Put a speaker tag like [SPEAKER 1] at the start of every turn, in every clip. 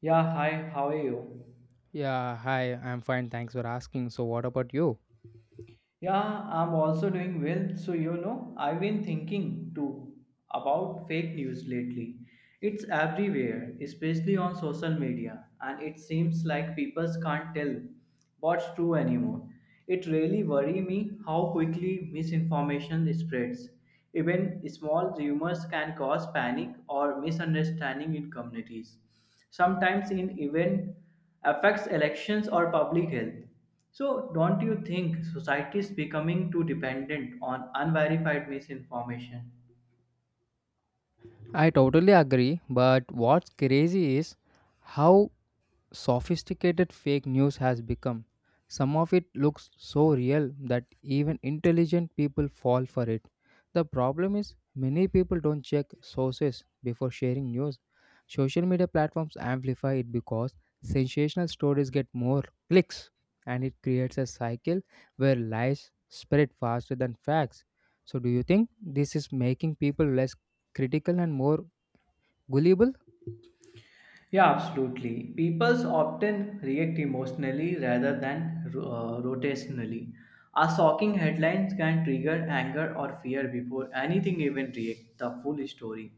[SPEAKER 1] Yeah, hi, how are you?
[SPEAKER 2] Yeah, hi, I'm fine. Thanks for asking. So, what about you?
[SPEAKER 1] Yeah, I'm also doing well. So, I've been thinking too about fake news lately. It's everywhere, especially on social media, and it seems like people can't tell what's true anymore. It really worries me how quickly misinformation spreads. Even small rumors can cause panic or misunderstanding in communities. Sometimes, in even affects elections or public health. So, don't you think society is becoming too dependent on unverified misinformation?
[SPEAKER 2] I totally agree, but what's crazy is how sophisticated fake news has become. Some of it looks so real that even intelligent people fall for it. The problem is, many people don't check sources before sharing news. Social media platforms amplify it because sensational stories get more clicks, and it creates a cycle where lies spread faster than facts. So, do you think this is making people less critical and more gullible?
[SPEAKER 1] Yeah, absolutely. People often react emotionally rather than rotationally. A shocking headlines can trigger anger or fear before anything even react the full story.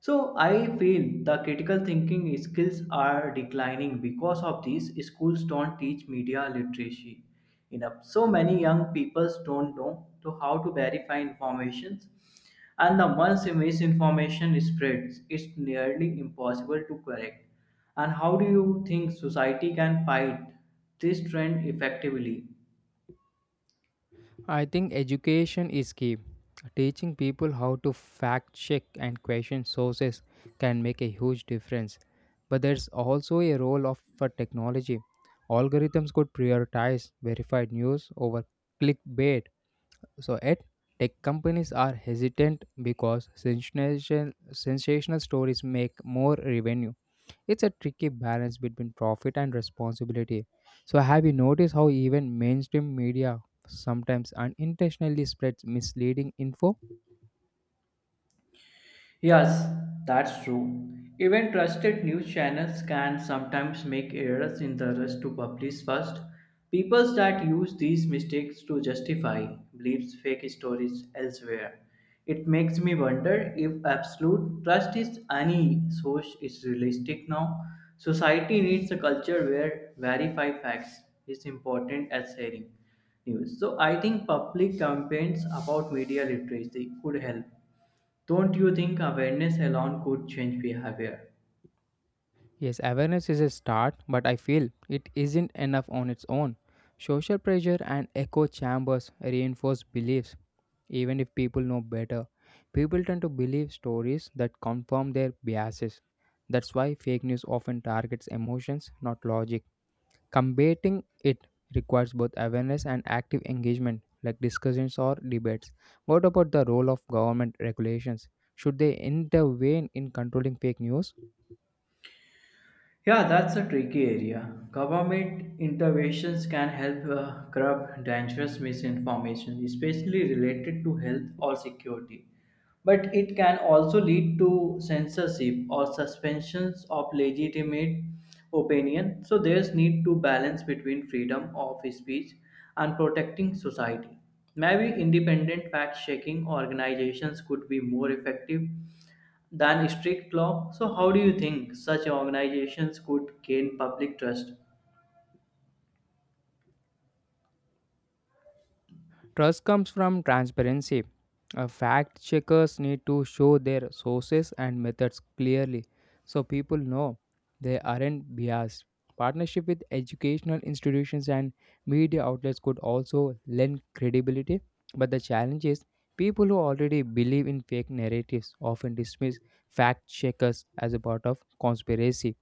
[SPEAKER 1] So I feel the critical thinking skills are declining because of these schools don't teach media literacy enough. So many young people don't know to how to verify information and the once a misinformation spreads it's nearly impossible to correct and how do you think society can fight this trend effectively?
[SPEAKER 2] I think education is key. Teaching people how to fact check and question sources can make a huge difference. But there's also a role of for technology. Algorithms could prioritize verified news over clickbait. So at tech companies are hesitant because sensational stories make more revenue. It's a tricky balance between profit and responsibility. So, have you noticed how even mainstream media sometimes unintentionally spreads misleading info?
[SPEAKER 1] Yes, that's true. Even trusted news channels can sometimes make errors in the rush to publish first. People that use these mistakes to justify believes fake stories elsewhere. It makes me wonder if absolute trust is any source is realistic now. Society needs a culture where verify facts is important as sharing news. So I think public campaigns about media literacy could help, don't you think awareness alone could change behavior?
[SPEAKER 2] Yes, awareness is a start, but I feel it isn't enough on its own. Social pressure and echo chambers reinforce beliefs, even if people know better. People tend to believe stories that confirm their biases. That's why fake news often targets emotions, not logic. Combating it requires both awareness and active engagement, like discussions or debates. What about the role of government regulations? Should they intervene in controlling fake news?
[SPEAKER 1] Yeah, that's a tricky area. Government interventions can help curb dangerous misinformation, especially related to health or security. But it can also lead to censorship or suspensions of legitimate opinion. So there's need to balance between freedom of speech and protecting society. Maybe independent fact checking organizations could be more effective than strict law. So, how do you think such organizations could gain public trust?
[SPEAKER 2] Trust comes from transparency. Fact checkers need to show their sources and methods clearly so people know they aren't biased. Partnership with educational institutions and media outlets could also lend credibility, but the challenge is people who already believe in fake narratives often dismiss fact checkers as a part of conspiracy.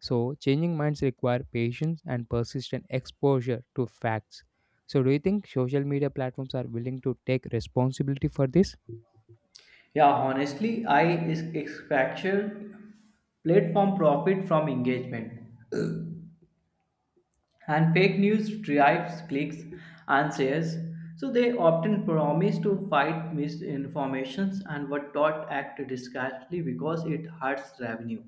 [SPEAKER 2] So, changing minds require patience and persistent exposure to facts. So, do you think social media platforms are willing to take responsibility for this?
[SPEAKER 1] Yeah, honestly, I is expecture platform profit from engagement and fake news drives clicks and shares. So they often promise to fight misinformations and were taught act discreetly because it hurts revenue.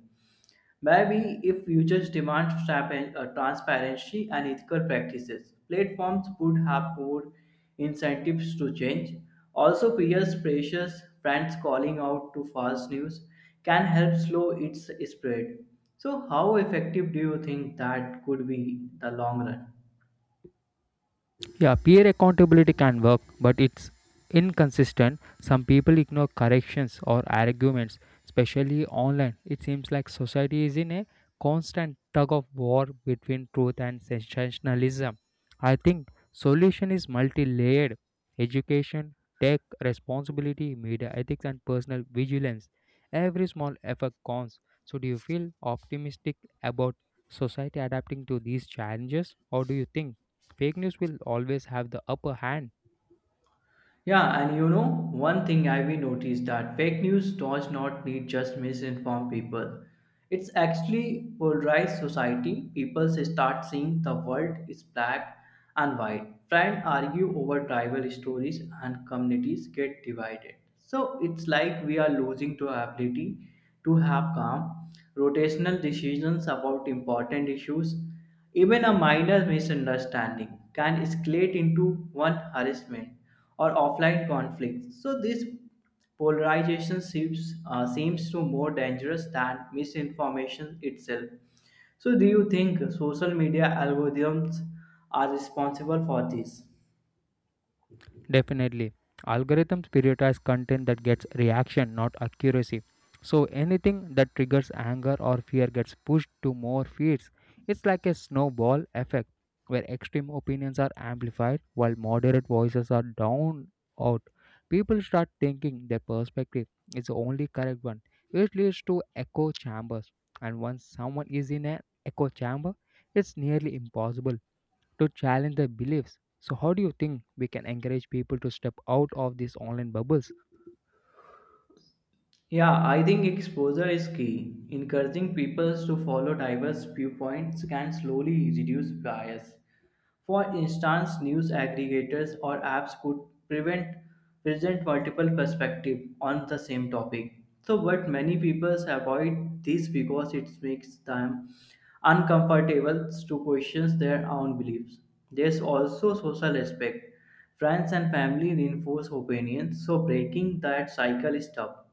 [SPEAKER 1] Maybe if futures demand transparency and ethical practices, platforms would have more incentives to change. Also, peers pressures, brands calling out to false news can help slow its spread. So, how effective do you think that could be in the long run?
[SPEAKER 2] Yeah, peer accountability can work, but it's inconsistent. Some people ignore corrections or arguments, especially online. It seems like society is in a constant tug of war between truth and sensationalism. I think solution is multi-layered. Education, tech, responsibility, media ethics and personal vigilance. Every small effort counts. So do you feel optimistic about society adapting to these challenges, or do you think fake news will always have the upper hand?
[SPEAKER 1] Yeah, one thing I've been noticed that fake news does not need just misinformed people. It's actually polarized society. People start seeing the world is black and white. Friends argue over tribal stories and communities get divided. So it's like we are losing to ability to have calm, rotational decisions about important issues. Even a minor misunderstanding can escalate into one harassment or offline conflicts. So this polarization seems to more dangerous than misinformation itself. So do you think social media algorithms are responsible for this?
[SPEAKER 2] Definitely. Algorithms prioritize content that gets reaction, not accuracy. So anything that triggers anger or fear gets pushed to more feeds. It's like a snowball effect where extreme opinions are amplified while moderate voices are down out. People start thinking their perspective is the only correct one, which leads to echo chambers. And once someone is in an echo chamber, it's nearly impossible to challenge their beliefs. So, how do you think we can encourage people to step out of these online bubbles?
[SPEAKER 1] Yeah, I think exposure is key. Encouraging people to follow diverse viewpoints can slowly reduce bias. For instance, news aggregators or apps could prevent present multiple perspectives on the same topic. So, but many people avoid this because it makes them uncomfortable to question their own beliefs. There's also social aspect. Friends and family reinforce opinions, so breaking that cycle is tough.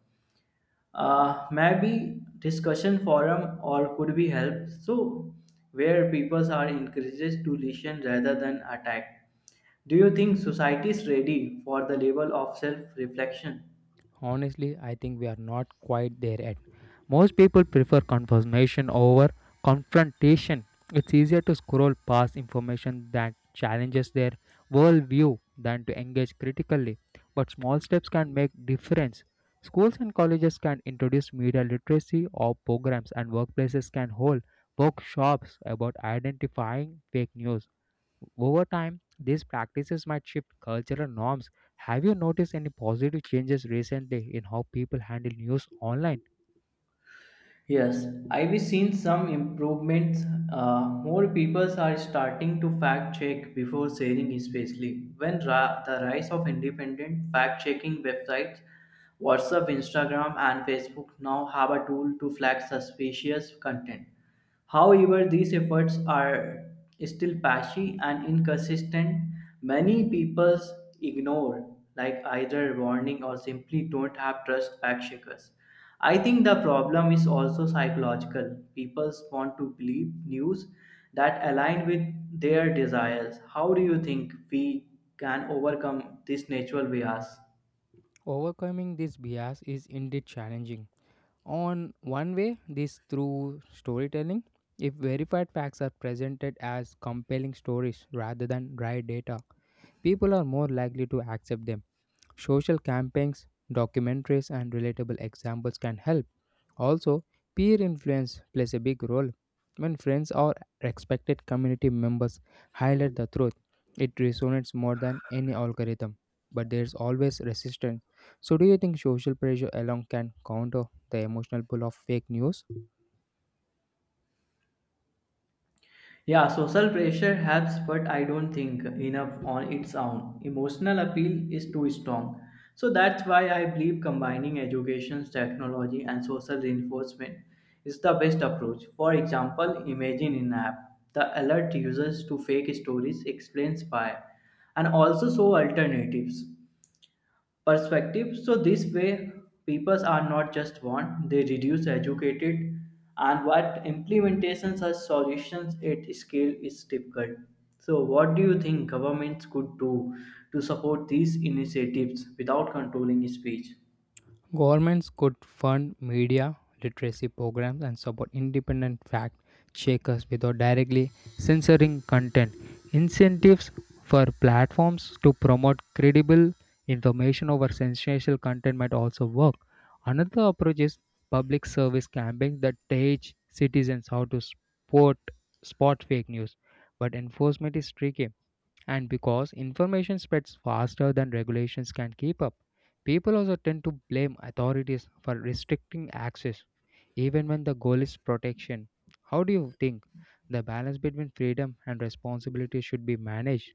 [SPEAKER 1] Maybe discussion forum or could be help so where people are encouraged to listen rather than attack. Do you think society is ready for the level of self reflection?
[SPEAKER 2] Honestly, I think we are not quite there yet. Most people prefer confirmation over confrontation. It's easier to scroll past information that challenges their worldview than to engage critically. But small steps can make difference. Schools and colleges can introduce media literacy or programs, and workplaces can hold workshops about identifying fake news. Over time, these practices might shift cultural norms. Have you noticed any positive changes recently in how people handle news online?
[SPEAKER 1] Yes, I've seen some improvements. More people are starting to fact check before sharing, especially when the rise of independent fact checking websites. WhatsApp, Instagram, and Facebook now have a tool to flag suspicious content. However, these efforts are still patchy and inconsistent. Many people ignore like either warning or simply don't have trust fact checkers. I think the problem is also psychological. People want to believe news that align with their desires. How do you think we can overcome this natural bias?
[SPEAKER 2] Overcoming this bias is indeed challenging. On one way, this through storytelling, if verified facts are presented as compelling stories rather than dry data, people are more likely to accept them. Social campaigns, documentaries, and relatable examples can help. Also, peer influence plays a big role. When friends or respected community members highlight the truth, it resonates more than any algorithm. But there's always resistance. So, do you think social pressure alone can counter the emotional pull of fake news?
[SPEAKER 1] Yeah, social pressure helps, but I don't think enough on its own. Emotional appeal is too strong. So that's why I believe combining education, technology, and social reinforcement is the best approach. For example, imagine in app the alert users to fake stories, explains why, and also show alternatives perspective. So this way, peoples are not just want; they reduce educated, and what implementations or solutions at scale is difficult. So, what do you think governments could do to support these initiatives without controlling speech?
[SPEAKER 2] Governments could fund media literacy programs and support independent fact checkers without directly censoring content. Incentives for platforms to promote credible information over sensational content might also work. Another approach is public service campaigns that teach citizens how to spot fake news, but enforcement is tricky. And because information spreads faster than regulations can keep up, people also tend to blame authorities for restricting access, even when the goal is protection. How do you think the balance between freedom and responsibility should be managed?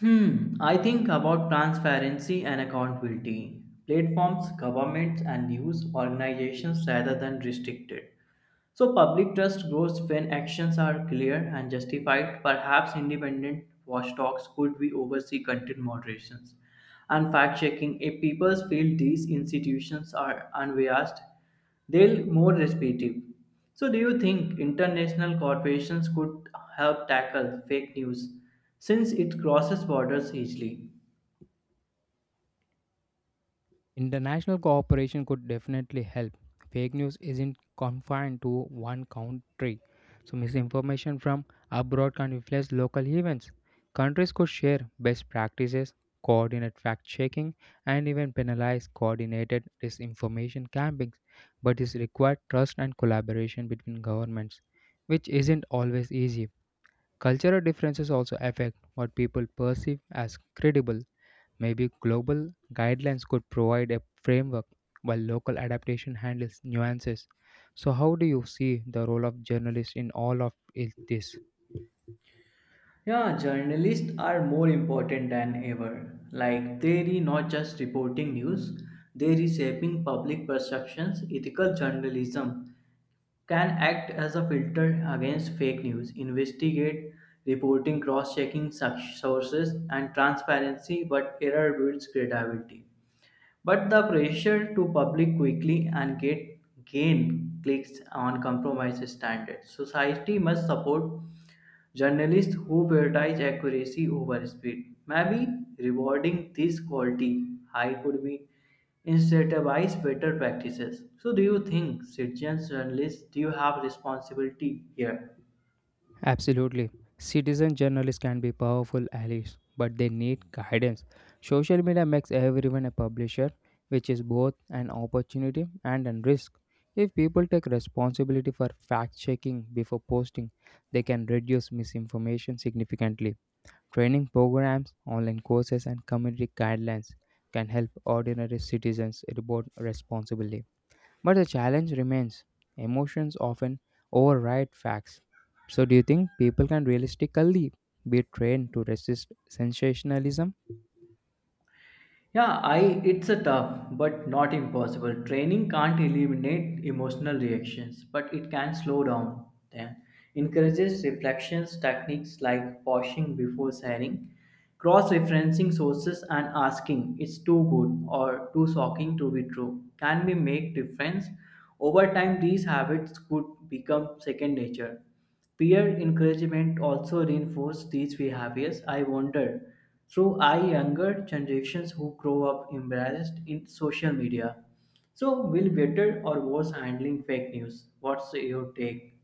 [SPEAKER 1] Hmm, I think about transparency and accountability. Platforms, governments, and news organizations rather than restricted. So, public trust grows when actions are clear and justified. Perhaps independent watchdogs could be oversee content moderations and fact checking. If people feel these institutions are unbiased, they'll more respective. So, do you think international corporations could help tackle fake news since it crosses borders easily?
[SPEAKER 2] International cooperation could definitely help. Fake news isn't confined to one country, so misinformation from abroad can influence local events. Countries could share best practices, coordinate fact checking, and even penalize coordinated disinformation campaigns. But this requires trust and collaboration between governments, which isn't always easy. Cultural differences also affect what people perceive as credible. Maybe global guidelines could provide a framework while local adaptation handles nuances. So, how do you see the role of journalists in all of this?
[SPEAKER 1] Yeah, journalists are more important than ever. Like they are not just reporting news, they are reshaping public perceptions. Ethical journalism can act as a filter against fake news, investigate, reporting, cross-checking sources, and transparency. But error builds credibility. But the pressure to public quickly and get gain clicks on compromise standards. Society must support journalists who prioritize accuracy over speed may be rewarding this quality. I could be incentivize better practices. So, do you think citizens journalists do you have responsibility here?
[SPEAKER 2] Absolutely. Citizen journalists can be powerful allies, but they need guidance. Social media makes everyone a publisher, which is both an opportunity and a risk. If people take responsibility for fact checking before posting, they can reduce misinformation significantly. Training programs, online courses, and community guidelines can help ordinary citizens report responsibly. But the challenge remains emotions often override facts. So, do you think people can realistically be trained to resist sensationalism?
[SPEAKER 1] Yeah, I it's a tough but not impossible. Training can't eliminate emotional reactions, but it can slow down them. Encourages reflections techniques like pausing before sharing, cross-referencing sources and asking it's too good or too shocking to be true. Can we make difference? Over time these habits could become second nature. Peer encouragement also reinforces these behaviors. I wonder, through I younger generations who grow up embarrassed in social media. So, will better or worse handling fake news? What's your take?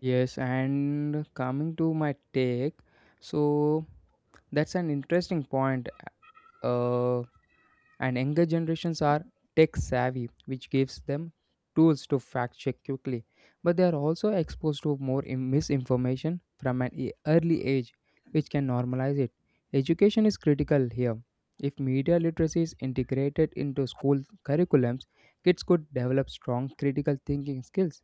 [SPEAKER 2] Yes, and coming to my take, so that's an interesting point. Uh, and younger generations are tech savvy, which gives them tools to fact check quickly, but they are also exposed to more misinformation from an early age, which can normalize it. Education is critical here. If media literacy is integrated into school curriculums, kids could develop strong critical thinking skills.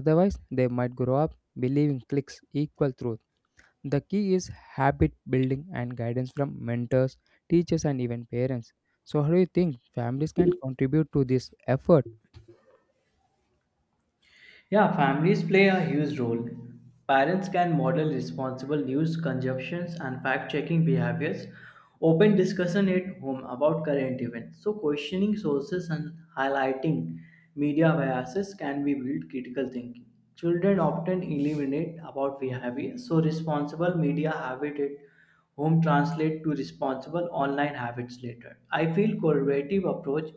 [SPEAKER 2] Otherwise, they might grow up believing clicks equal truth. The key is habit building and guidance from mentors, teachers, and even parents. So, how do you think families can contribute to this effort?
[SPEAKER 1] Yeah, families play a huge role. Parents can model responsible news consumptions and fact-checking behaviors. Open discussion at home about current events. So questioning sources and highlighting media biases can be build critical thinking. Children often eliminate about behavior, so responsible media habitat home translate to responsible online habits later. I feel collaborative approach,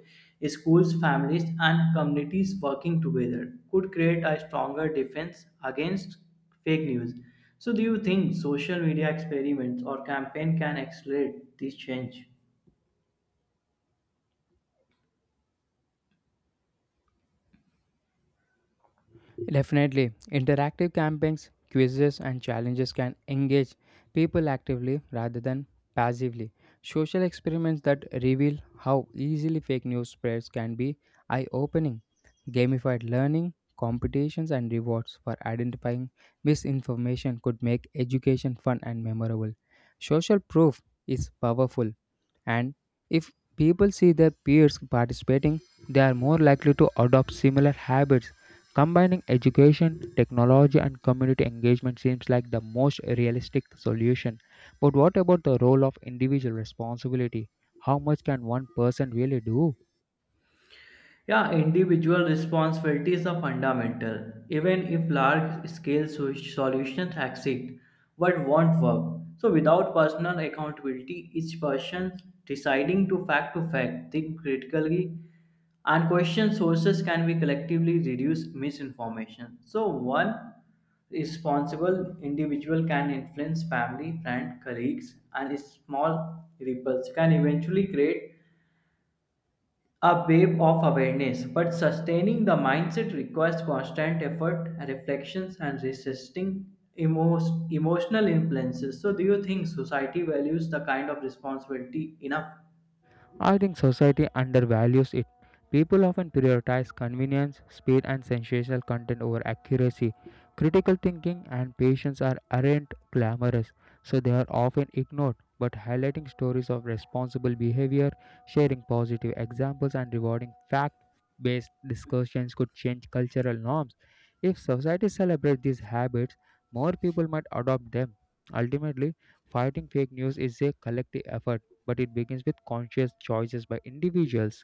[SPEAKER 1] schools, families, and communities working together could create a stronger defense against fake news. So, do you think social media experiments or campaign can accelerate this change?
[SPEAKER 2] Definitely, interactive campaigns, quizzes, and challenges can engage people actively rather than passively. Social experiments that reveal how easily fake news spreads can be eye opening. Gamified learning, competitions, and rewards for identifying misinformation could make education fun and memorable. Social proof is powerful, and if people see their peers participating, they are more likely to adopt similar habits. Combining education, technology, and community engagement seems like the most realistic solution. But what about the role of individual responsibility? How much can one person really do?
[SPEAKER 1] Yeah, individual responsibilities are fundamental. Even if large scale solutions exist, but won't work. So, without personal accountability, each person deciding to fact, think critically, and question sources can be collectively reduce misinformation. So, one responsible individual can influence family, friend, colleagues, and small ripples can eventually create a wave of awareness, but sustaining the mindset requires constant effort, reflections, and resisting emotional influences. So, do you think society values the kind of responsibility enough?
[SPEAKER 2] I think society undervalues it. People often prioritize convenience, speed, and sensational content over accuracy. Critical thinking and patience are aren't glamorous, so they are often ignored. But highlighting stories of responsible behavior, sharing positive examples, and rewarding fact based discussions could change cultural norms. If society celebrates these habits, more people might adopt them. Ultimately, fighting fake news is a collective effort, but it begins with conscious choices by individuals.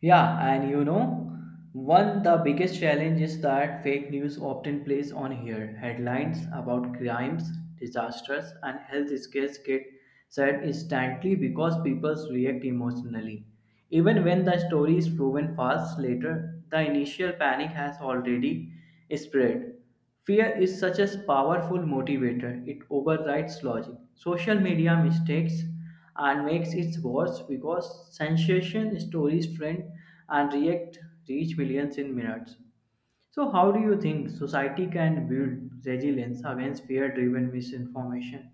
[SPEAKER 1] Yeah, one the biggest challenge is that fake news often plays on here. Headlines about crimes, disasters, and health scares get said instantly because people react emotionally. Even when the story is proven false later, the initial panic has already spread. Fear is such a powerful motivator, it overrides logic. Social media mistakes and makes it worse because sensation stories trend and react reach millions in minutes. So how do you think society can build resilience against fear driven misinformation?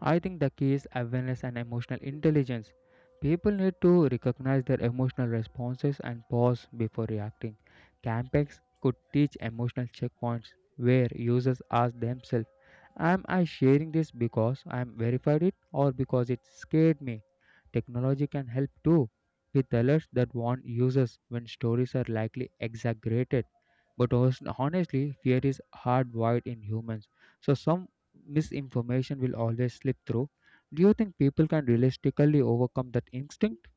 [SPEAKER 2] I think the key is awareness and emotional intelligence. People need to recognize their emotional responses and pause before reacting. Campex could teach emotional checkpoints where users ask themselves, am I sharing this because I am verified it, or because it scared me? Technology can help too, with alerts that warn users when stories are likely exaggerated. But honestly, fear is hardwired in humans, so some misinformation will always slip through. Do you think people can realistically overcome that instinct?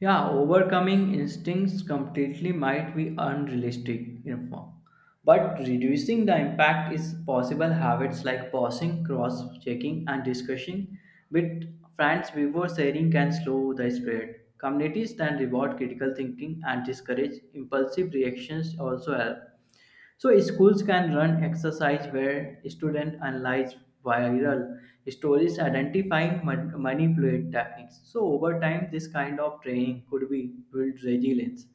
[SPEAKER 1] Yeah, overcoming instincts completely might be unrealistic in form, but reducing the impact is possible. Habits like pausing, cross checking, and discussing with friends before sharing can slow the spread. Communities that reward critical thinking and discourage impulsive reactions also help. So schools can run exercise where students analyze viral stories identifying manipulate techniques. So over time, this kind of training could be build resilience.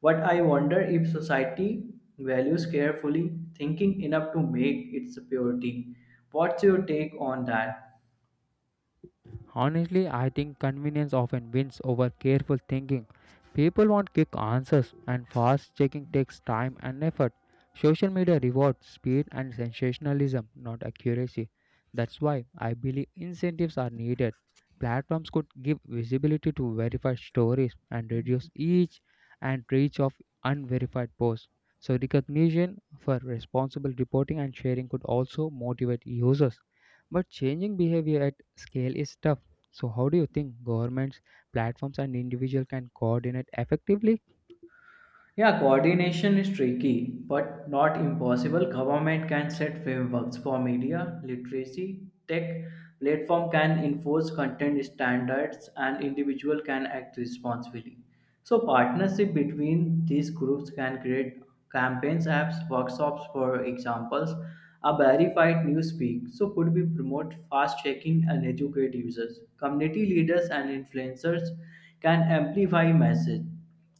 [SPEAKER 1] But I wonder if society values carefully thinking enough to make its purity. What's your take on that?
[SPEAKER 2] Honestly, I think convenience often wins over careful thinking. People want quick answers, and fast checking takes time and effort. Social media rewards speed and sensationalism, not accuracy. That's why I believe incentives are needed. Platforms could give visibility to verified stories and reduce each and reach of unverified posts. So, recognition for responsible reporting and sharing could also motivate users. But changing behavior at scale is tough. So how do you think governments, platforms and individuals can coordinate effectively?
[SPEAKER 1] Yeah, coordination is tricky, but not impossible. Government can set frameworks for media literacy. Tech platform can enforce content standards, and individual can act responsibly. So, partnership between these groups can create campaigns, apps, workshops, for examples. A verified newspeak so could be promote fast checking and educate users. Community leaders and influencers can amplify message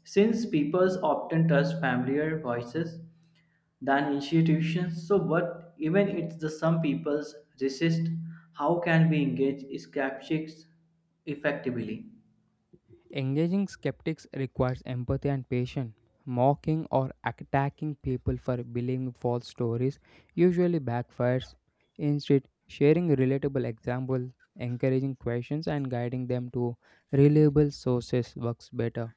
[SPEAKER 1] since people often trust familiar voices than institutions, so but even if the some people resist, how can we engage skeptics effectively?
[SPEAKER 2] Engaging skeptics requires empathy and patience. Mocking or attacking people for believing false stories usually backfires. Instead, sharing relatable examples, encouraging questions, and guiding them to reliable sources works better.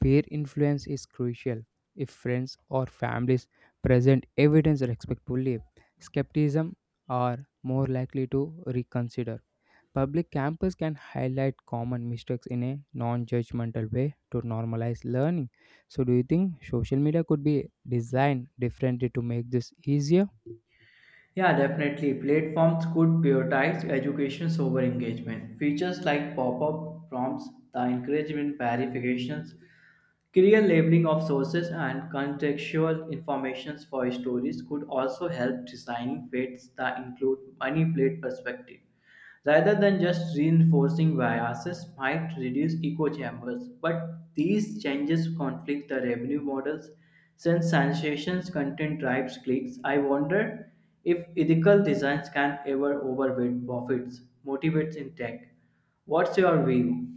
[SPEAKER 2] Peer influence is crucial. If friends or families present evidence respectfully, skepticism are more likely to reconsider. Public campus can highlight common mistakes in a non judgmental way to normalize learning. So, do you think social media could be designed differently to make this easier?
[SPEAKER 1] Yeah, definitely. Platforms could prioritize education over engagement. Features like pop-up prompts, the encouragement verifications, clear labeling of sources and contextual information for stories could also help designing fates that include manipulate perspective. Rather than just reinforcing biases might reduce echo chambers, but these changes conflict the revenue models since sensations content drives clicks. I wonder if ethical designs can ever overweight profits, motivates in tech. What's your view?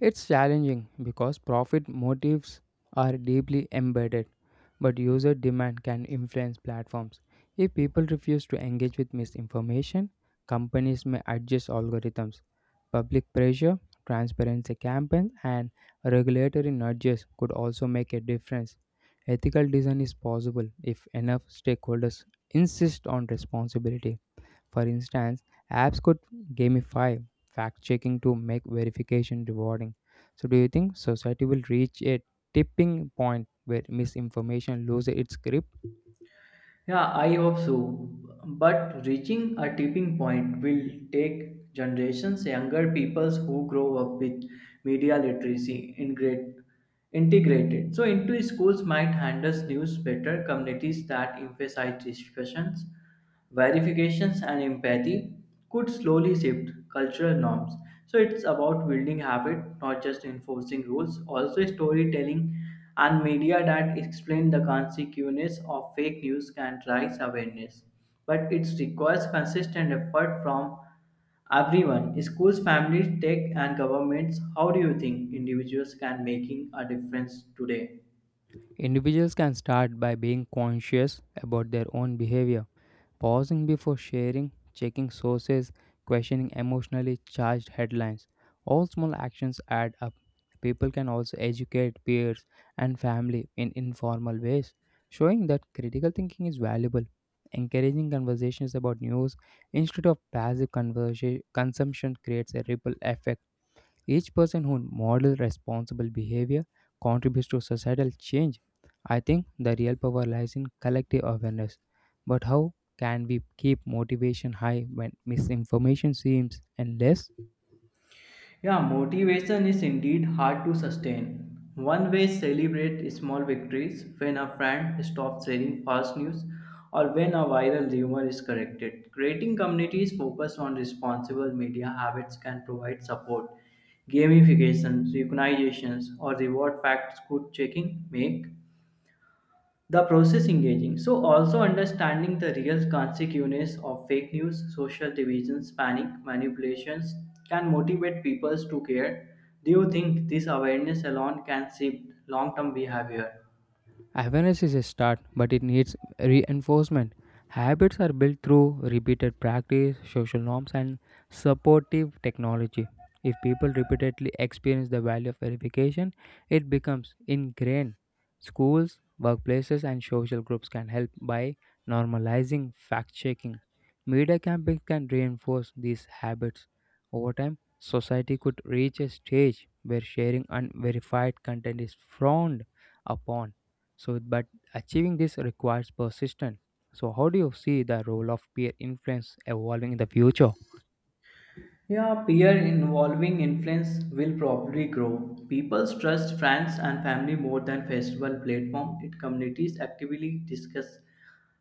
[SPEAKER 2] It's challenging because profit motives are deeply embedded, but user demand can influence platforms. If people refuse to engage with misinformation, companies may adjust algorithms. Public pressure, transparency campaigns, and regulatory nudges could also make a difference. Ethical design is possible if enough stakeholders insist on responsibility. For instance, apps could gamify fact checking to make verification rewarding. So, do you think society will reach a tipping point where misinformation loses its grip?
[SPEAKER 1] Yeah, I hope so. But reaching a tipping point will take generations, younger peoples who grow up with media literacy integrated. So into schools might handle news better, communities that emphasize discussions verifications and empathy could slowly shift cultural norms. So it's about building habit, not just enforcing rules. Also, storytelling and media that explain the consequences of fake news can raise awareness. But it requires consistent effort from everyone, schools, families, tech, and governments. How do you think individuals can making a difference today?
[SPEAKER 2] Individuals can start by being conscious about their own behavior. Pausing before sharing, checking sources, questioning emotionally charged headlines. All small actions add up. People can also educate peers and family in informal ways, showing that critical thinking is valuable. Encouraging conversations about news instead of passive consumption creates a ripple effect. Each person who models responsible behavior contributes to societal change. I think the real power lies in collective awareness. But how can we keep motivation high when misinformation seems endless?
[SPEAKER 1] Yeah, motivation is indeed hard to sustain. One way celebrate small victories when a friend stops sharing false news or when a viral rumor is corrected. Creating communities focused on responsible media habits can provide support. Gamifications, recognitions, or reward facts good checking make the process engaging so also understanding the real consequences of fake news social divisions panic manipulations can motivate people to care. Do you think this awareness alone can shape long-term behavior?
[SPEAKER 2] Awareness is a start, but it needs reinforcement. Habits are built through repeated practice, social norms, and supportive technology. If people repeatedly experience the value of verification, it becomes ingrained. Schools, workplaces, and social groups can help by normalizing fact checking. Media campaigns can reinforce these habits. Over time, society could reach a stage where sharing unverified content is frowned upon, so, but achieving this requires persistence. So, how do you see the role of peer influence evolving in the future?
[SPEAKER 1] Yeah, peer involving influence will probably grow. People trust friends and family more than festival platform. It communities actively discuss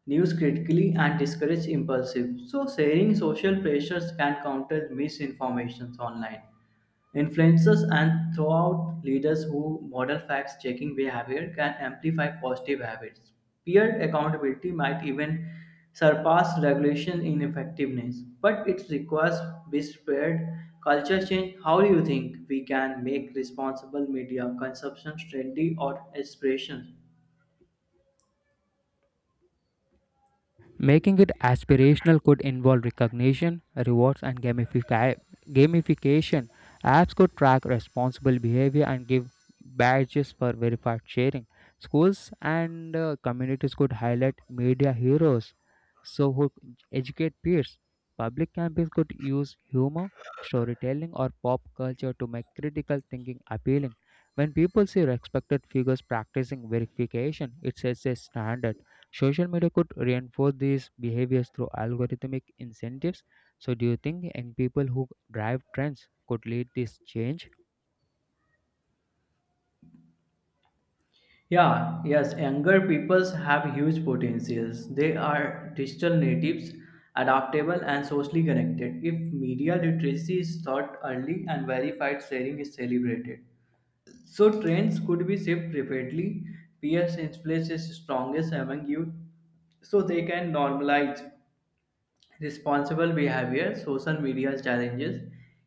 [SPEAKER 1] news critically and discourage impulsive. So sharing social pressures can counter misinformations online. Influencers and throughout leaders who model fact checking behavior can amplify positive habits. Peer accountability might even surpass regulation in effectiveness, but it requires widespread culture change. How do you think we can make responsible media consumption trendy or aspirations?
[SPEAKER 2] Making it aspirational could involve recognition, rewards, and gamification. Apps could track responsible behavior and give badges for verified sharing. Schools and communities could highlight media heroes so who educate peers. Public campaigns could use humor, storytelling, or pop culture to make critical thinking appealing. When people see respected figures practicing verification, it sets a standard. Social media could reinforce these behaviors through algorithmic incentives. So, do you think young people who drive trends could lead this change?
[SPEAKER 1] Yeah, yes, younger peoples have huge potentials. They are digital natives, adaptable, and socially connected. If media literacy is taught early and verified sharing is celebrated, so trends could be shaped rapidly. Peer influence is strongest among youth, so they can normalize responsible behavior, social media challenges,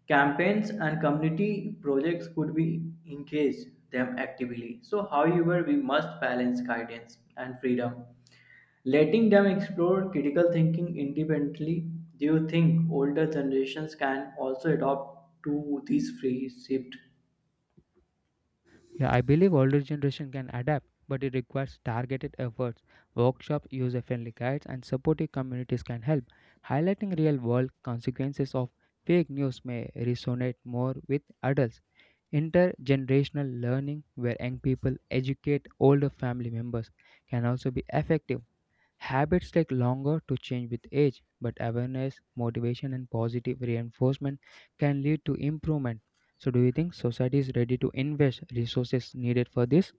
[SPEAKER 1] campaigns, and community projects could be engage them actively. So, however, we must balance guidance and freedom, letting them explore critical thinking independently. Do you think older generations can also adopt to this free shift?
[SPEAKER 2] Yeah, I believe older generation can adapt, but it requires targeted efforts. Workshops, user-friendly guides, and supportive communities can help. Highlighting real-world consequences of fake news may resonate more with adults. Intergenerational learning, where young people educate older family members, can also be effective. Habits take longer to change with age, but awareness, motivation, and positive reinforcement can lead to improvement. So, do you think society is ready to invest resources needed for this?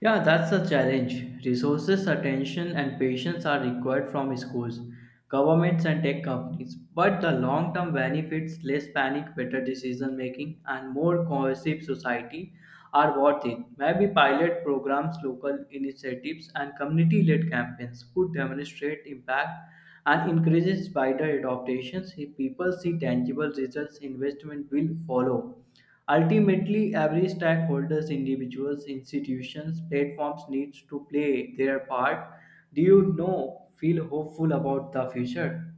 [SPEAKER 1] Yeah, that's a challenge. Resources, attention, and patience are required from schools, governments, and tech companies. But the long term benefits, less panic, better decision making, and more cohesive society are worth it. Maybe pilot programs, local initiatives, and community led campaigns could demonstrate impact and increases wider adaptations if people see tangible results investment will follow. Ultimately, every stakeholders, individuals, institutions, platforms needs to play their part. Do you know feel hopeful about the future?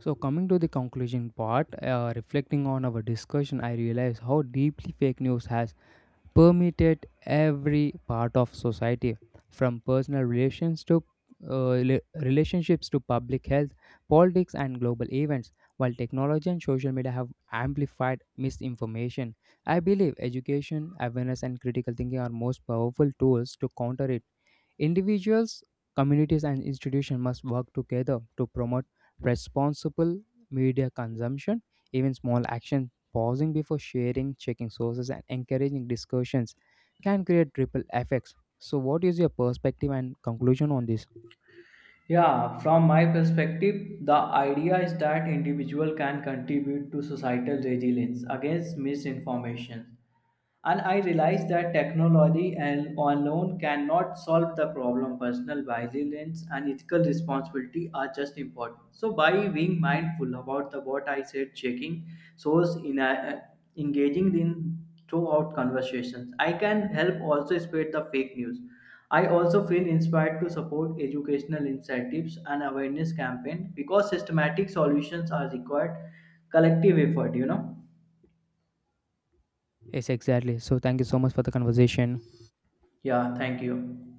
[SPEAKER 2] So, coming to the conclusion part, reflecting on our discussion, I realize how deeply fake news has permeated every part of society, from personal relations to relationships to public health, politics, and global events. While technology and social media have amplified misinformation, I believe education, awareness, and critical thinking are most powerful tools to counter it. Individuals, communities, and institutions must work together to promote responsible media consumption. Even small actions, pausing before sharing, checking sources, and encouraging discussions can create ripple effects. So, what is your perspective and conclusion on this?
[SPEAKER 1] Yeah, from my perspective, the idea is that individual can contribute to societal resilience against misinformation. And I realize that technology and alone cannot solve the problem. Personal vigilance and ethical responsibility are just important. So by being mindful about the what I said, checking source in a, engaging in throughout conversations, I can help also spread the fake news. I also feel inspired to support educational incentives and awareness campaign because systematic solutions are required collective effort.
[SPEAKER 2] Yes, exactly. So, thank you so much for the conversation.
[SPEAKER 1] Yeah, thank you.